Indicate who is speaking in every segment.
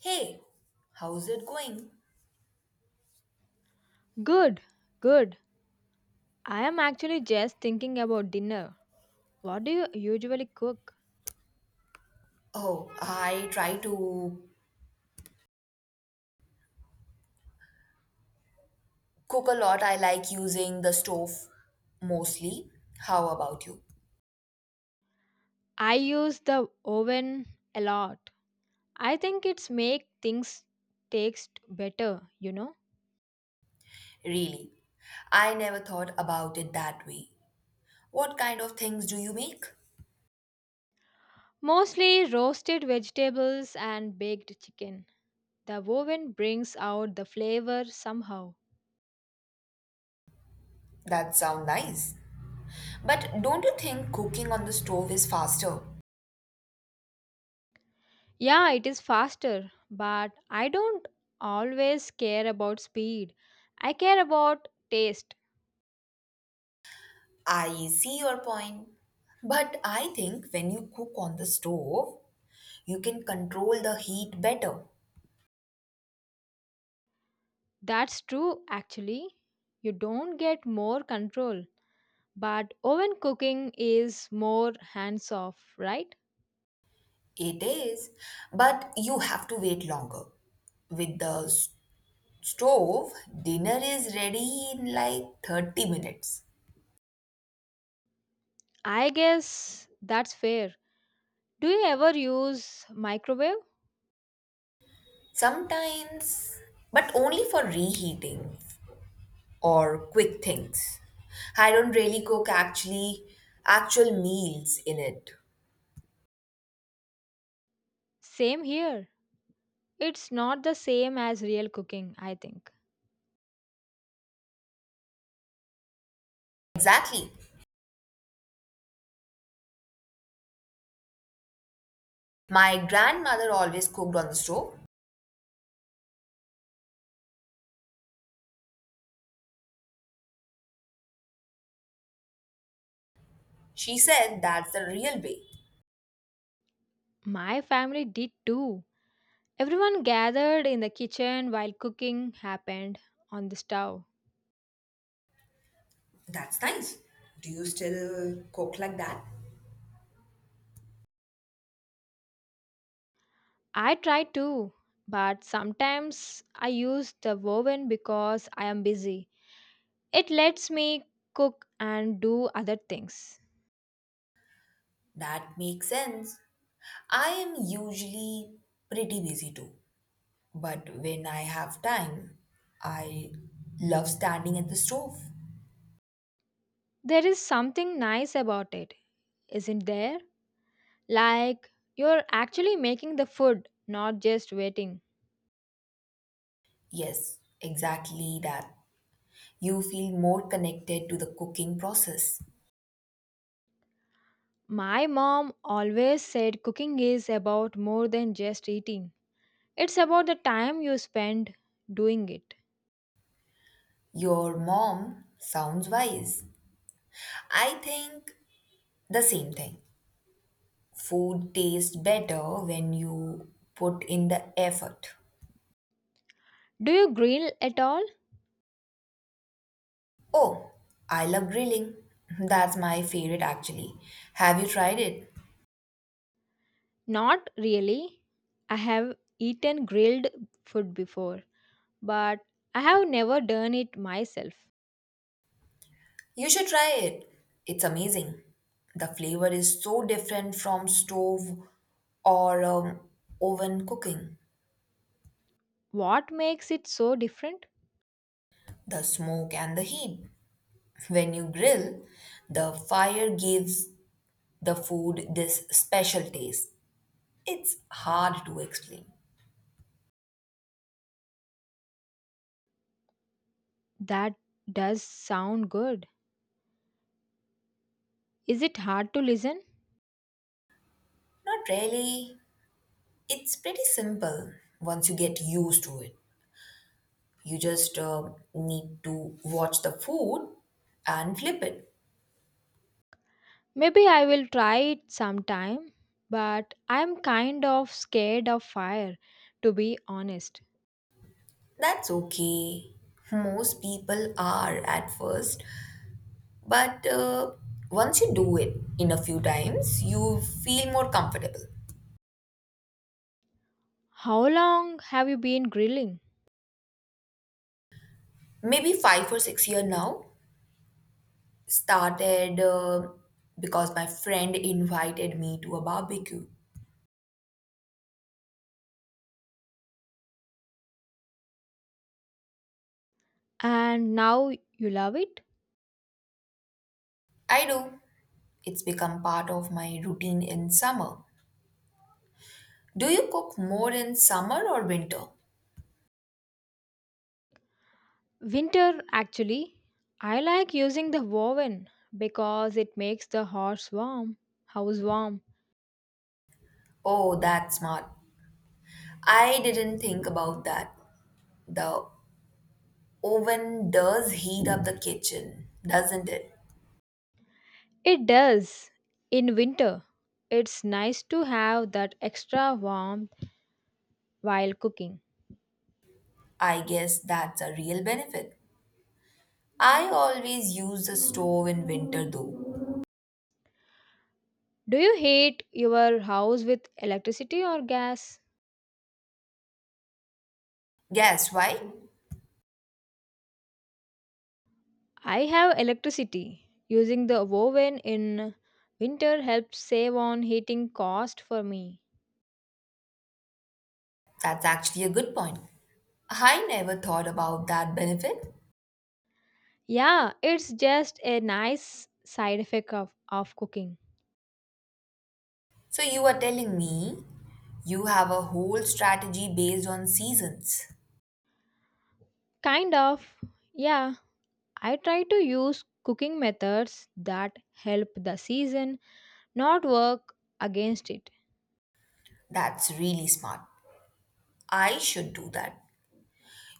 Speaker 1: Hey, how's it going?
Speaker 2: Good, good. I am actually just thinking about dinner. What do you usually cook?
Speaker 1: Oh, I try to cook a lot. I like using the stove mostly. How about you?
Speaker 2: I use the oven a lot. I think it's make things taste better, you know.
Speaker 1: Really? I never thought about it that way. What kind of things do you make?
Speaker 2: Mostly roasted vegetables and baked chicken. The oven brings out the flavor somehow.
Speaker 1: That sound nice. But don't you think cooking on the stove is faster?
Speaker 2: Yeah, it is faster, but I don't always care about speed. I care about taste.
Speaker 1: I see your point. But I think when you cook on the stove, you can control the heat better.
Speaker 2: That's true, actually. You don't get more control, but oven cooking is more hands off, right?
Speaker 1: It is, but you have to wait longer. With the stove, dinner is ready in like 30 minutes.
Speaker 2: I guess that's fair. Do you ever use microwave?
Speaker 1: Sometimes, but only for reheating or quick things. I don't really cook actual meals in it.
Speaker 2: Same here. It's not the same as real cooking, I think.
Speaker 1: Exactly. My grandmother always cooked on the stove. She said that's the real way.
Speaker 2: My family did too. Everyone gathered in the kitchen while cooking happened on the stove.
Speaker 1: That's nice. Do you still cook like that?
Speaker 2: I try too, but sometimes I use the oven because I am busy. It lets me cook and do other things.
Speaker 1: That makes sense. I am usually pretty busy too. But when I have time, I love standing at the stove.
Speaker 2: There is something nice about it, isn't there? Like you're actually making the food, not just waiting.
Speaker 1: Yes, exactly that. You feel more connected to the cooking process.
Speaker 2: My mom always said cooking is about more than just eating. It's about the time you spend doing it.
Speaker 1: Your mom sounds wise. I think the same thing. Food tastes better when you put in the effort.
Speaker 2: Do you grill at all?
Speaker 1: Oh, I love grilling. That's my favorite actually. Have you tried it?
Speaker 2: Not really. I have eaten grilled food before, but I have never done it myself.
Speaker 1: You should try it. It's amazing. The flavor is so different from stove or oven cooking.
Speaker 2: What makes it so different?
Speaker 1: The smoke and the heat. When you grill, the fire gives the food this special taste. It's hard to explain.
Speaker 2: That does sound good. Is it hard to listen?
Speaker 1: Not really. It's pretty simple once you get used to it. You just need to watch the food and flip it.
Speaker 2: Maybe I will try it sometime, but I'm kind of scared of fire, to be honest.
Speaker 1: That's okay. Most people are at first, but once you do it in a few times, you feel more comfortable.
Speaker 2: How long have you been grilling?
Speaker 1: Maybe 5 or 6 year now started because my friend invited me to a barbecue.
Speaker 2: And now you love it?
Speaker 1: I do. It's become part of my routine in summer. Do you cook more in summer or winter?
Speaker 2: Winter, actually. I like using the woven because it makes the horse warm, house warm.
Speaker 1: Oh, that's smart. I didn't think about that. The oven does heat up the kitchen, doesn't it?
Speaker 2: It does in winter. It's nice to have that extra warmth while cooking.
Speaker 1: I guess that's a real benefit. I always use the stove in winter though.
Speaker 2: Do you heat your house with electricity or gas?
Speaker 1: Guess why?
Speaker 2: I have electricity. Using the oven in winter helps save on heating cost for me.
Speaker 1: That's actually a good point. I never thought about that benefit.
Speaker 2: Yeah, it's just a nice side effect of cooking.
Speaker 1: So you are telling me you have a whole strategy based on seasons.
Speaker 2: Kind of. Yeah, I try to use cooking methods that help the season not work against it.
Speaker 1: That's really smart. I should do that.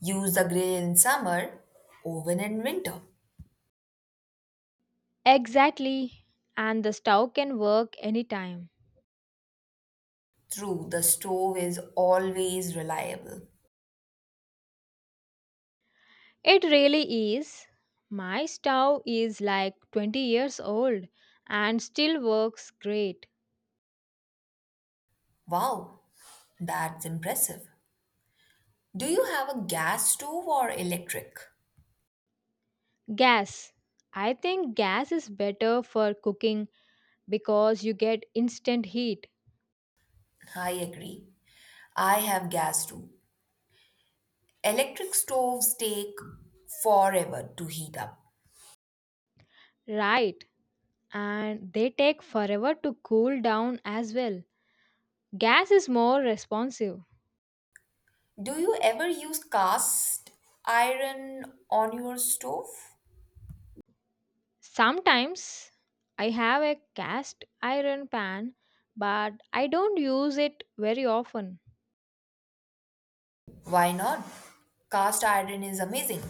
Speaker 1: Use the grill in summer, oven in winter.
Speaker 2: Exactly. And the stove can work anytime.
Speaker 1: True, the stove is always reliable.
Speaker 2: It really is. My stove is like 20 years old and still works great.
Speaker 1: Wow, that's impressive. Do you have a gas stove or electric?
Speaker 2: Gas. I think gas is better for cooking because you get instant heat,
Speaker 1: I agree. I have gas too. Electric stoves take forever to heat up.
Speaker 2: right? And they take forever to cool down as well. Gas is more responsive.
Speaker 1: Do you ever use cast iron on your stove?
Speaker 2: Sometimes I have a cast iron pan, but I don't use it very often.
Speaker 1: Why not? Cast iron is amazing.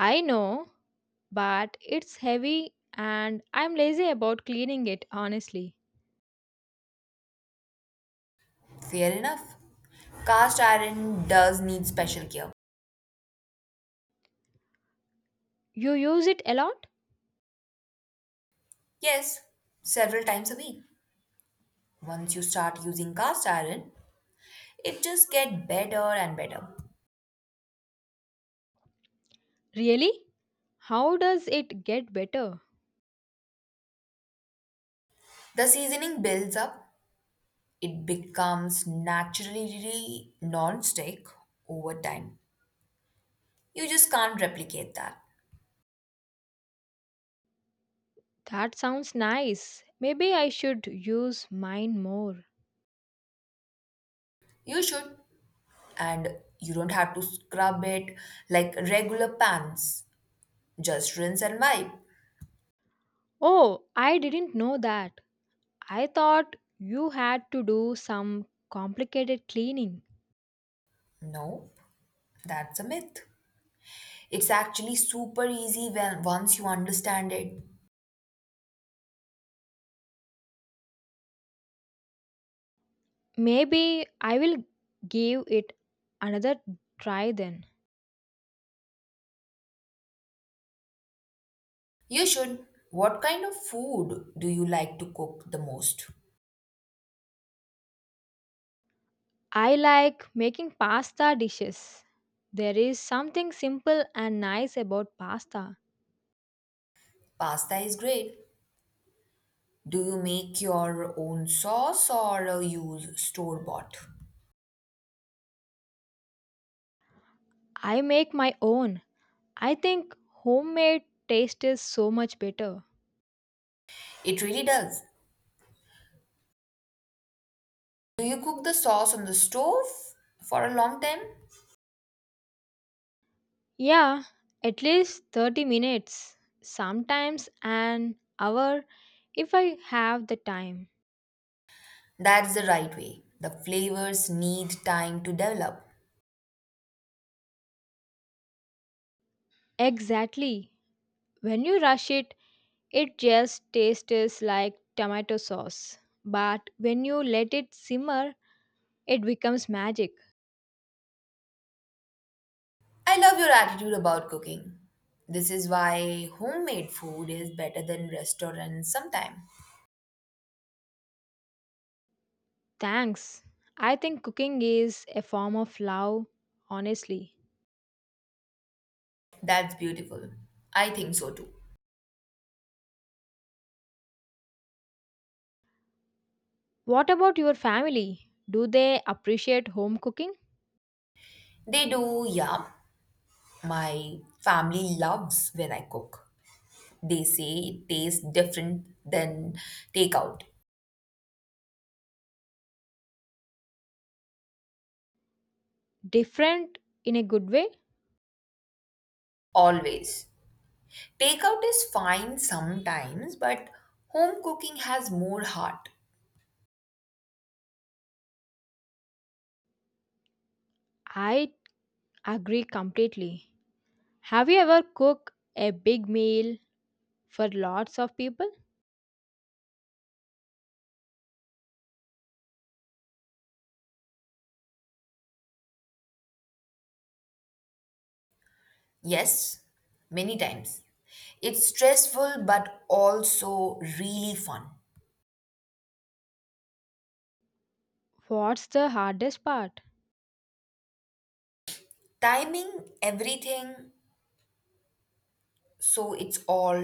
Speaker 2: I know but it's heavy and I'm lazy about cleaning it, honestly.
Speaker 1: Fair enough. Cast iron does need special care.
Speaker 2: You use it a lot?
Speaker 1: Yes, several times a week. Once you start using cast iron, it just gets better and better.
Speaker 2: Really? How does it get better?
Speaker 1: The seasoning builds up, it becomes naturally non-stick over time. You just can't replicate that.
Speaker 2: That sounds nice. Maybe I should use mine more.
Speaker 1: You should, and you don't have to scrub it like regular pans. Just rinse and wipe.
Speaker 2: Oh, I didn't know that. I thought you had to do some complicated cleaning.
Speaker 1: No, that's a myth. It's actually super easy when once you understand it.
Speaker 2: Maybe I will give it another try then.
Speaker 1: You should. What kind of food do you like to cook the most?
Speaker 2: I like making pasta dishes. There is something simple and nice about pasta.
Speaker 1: Pasta is great. Do you make your own sauce or use store bought?
Speaker 2: I make my own. I think homemade taste is so much better.
Speaker 1: It really does. Do you cook the sauce on the stove for a long time?
Speaker 2: Yeah, at least 30 minutes, sometimes an hour if I have the time.
Speaker 1: That's the right way. The flavors need time to develop.
Speaker 2: Exactly. When you rush it, it just tastes like tomato sauce. But when you let it simmer, it becomes magic.
Speaker 1: I love your attitude about cooking. This is why homemade food is better than restaurants sometimes.
Speaker 2: Thanks. I think cooking is a form of love, honestly.
Speaker 1: That's beautiful. I think so too.
Speaker 2: What about your family? Do they appreciate home cooking?
Speaker 1: They do, yeah. My family loves when I cook. They say it tastes different than takeout.
Speaker 2: Different in a good way?
Speaker 1: Always. Takeout is fine sometimes, but home cooking has more heart.
Speaker 2: I agree completely. Have you ever cooked a big meal for lots of people?
Speaker 1: Yes, many times. It's stressful but also really fun.
Speaker 2: What's the hardest part?
Speaker 1: Timing everything so it's all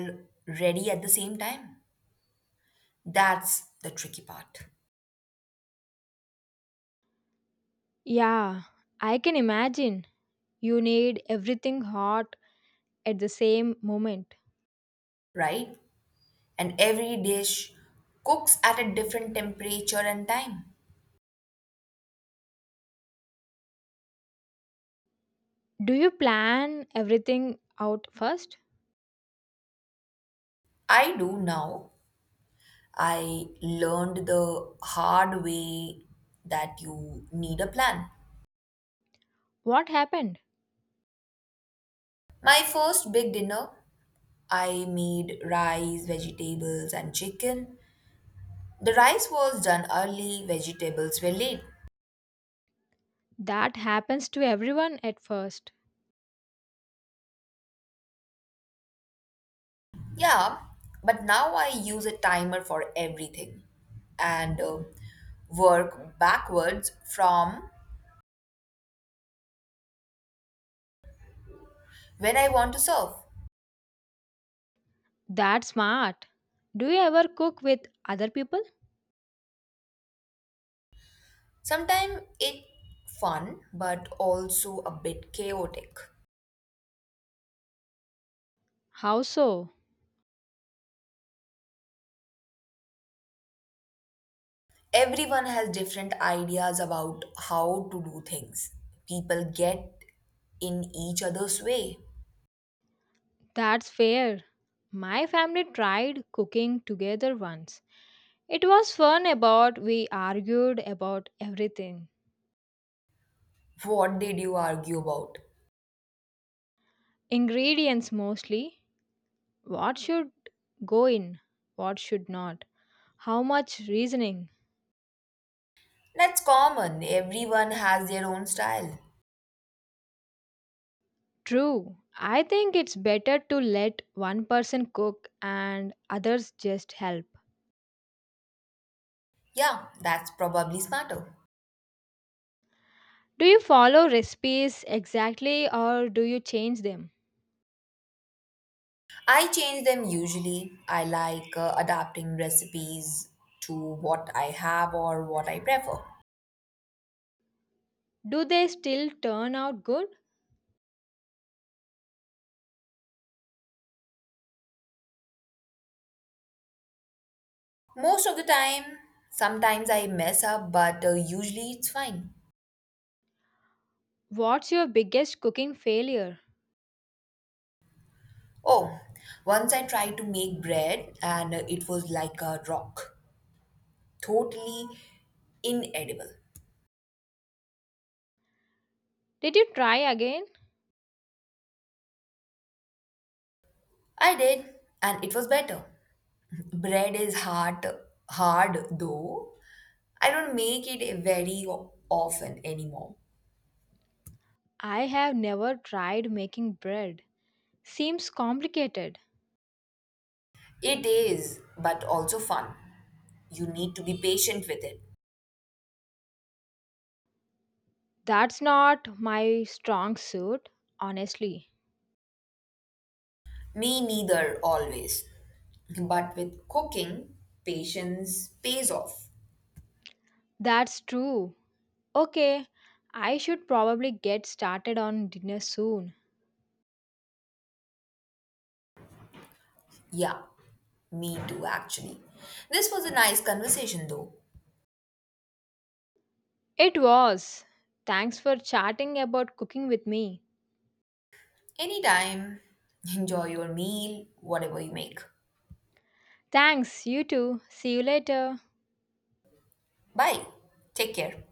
Speaker 1: ready at the same time. That's the tricky part,
Speaker 2: Yeah, I can imagine. You need everything hot at the same moment.
Speaker 1: right? And every dish cooks at a different temperature and time.
Speaker 2: Do you plan everything out first?
Speaker 1: I do now. I learned the hard way that you need a plan.
Speaker 2: What happened?
Speaker 1: My first big dinner, I made rice, vegetables, and chicken. The rice was done early, vegetables were late.
Speaker 2: That happens to everyone at first.
Speaker 1: Yeah, but now I use a timer for everything and work backwards from when I want to serve.
Speaker 2: That's smart. Do you ever cook with other people?
Speaker 1: Sometimes it's fun but also a bit chaotic.
Speaker 2: How so?
Speaker 1: Everyone has different ideas about how to do things. People get in each other's way.
Speaker 2: That's fair. My family tried cooking together once. It was fun about we argued about everything.
Speaker 1: What did you argue about?
Speaker 2: Ingredients mostly. What should go in? What should not? How much reasoning?
Speaker 1: That's common. Everyone has their own style.
Speaker 2: True. I think it's better to let one person cook and others just help.
Speaker 1: Yeah, that's probably smarter.
Speaker 2: Do you follow recipes exactly or do you change them?
Speaker 1: I change them usually. I like adapting recipes to what I have or what I prefer.
Speaker 2: Do they still turn out good?
Speaker 1: Most of the time, sometimes I mess up, but usually it's fine.
Speaker 2: What's your biggest cooking failure?
Speaker 1: Oh, once I tried to make bread and it was like a rock. Totally inedible.
Speaker 2: Did you try again?
Speaker 1: I did, and it was better. Bread is hard though. I don't make it very often anymore.
Speaker 2: I have never tried making bread. Seems complicated.
Speaker 1: It is, but also fun. You need to be patient with it.
Speaker 2: That's not my strong suit, honestly.
Speaker 1: Me neither, always. But with cooking, patience pays off.
Speaker 2: That's true. Okay, I should probably get started on dinner soon.
Speaker 1: Yeah, me too, actually. This was a nice conversation though.
Speaker 2: It was. Thanks for chatting about cooking with me.
Speaker 1: Anytime, enjoy your meal, whatever you make.
Speaker 2: Thanks, you too. See you later.
Speaker 1: Bye. Take care.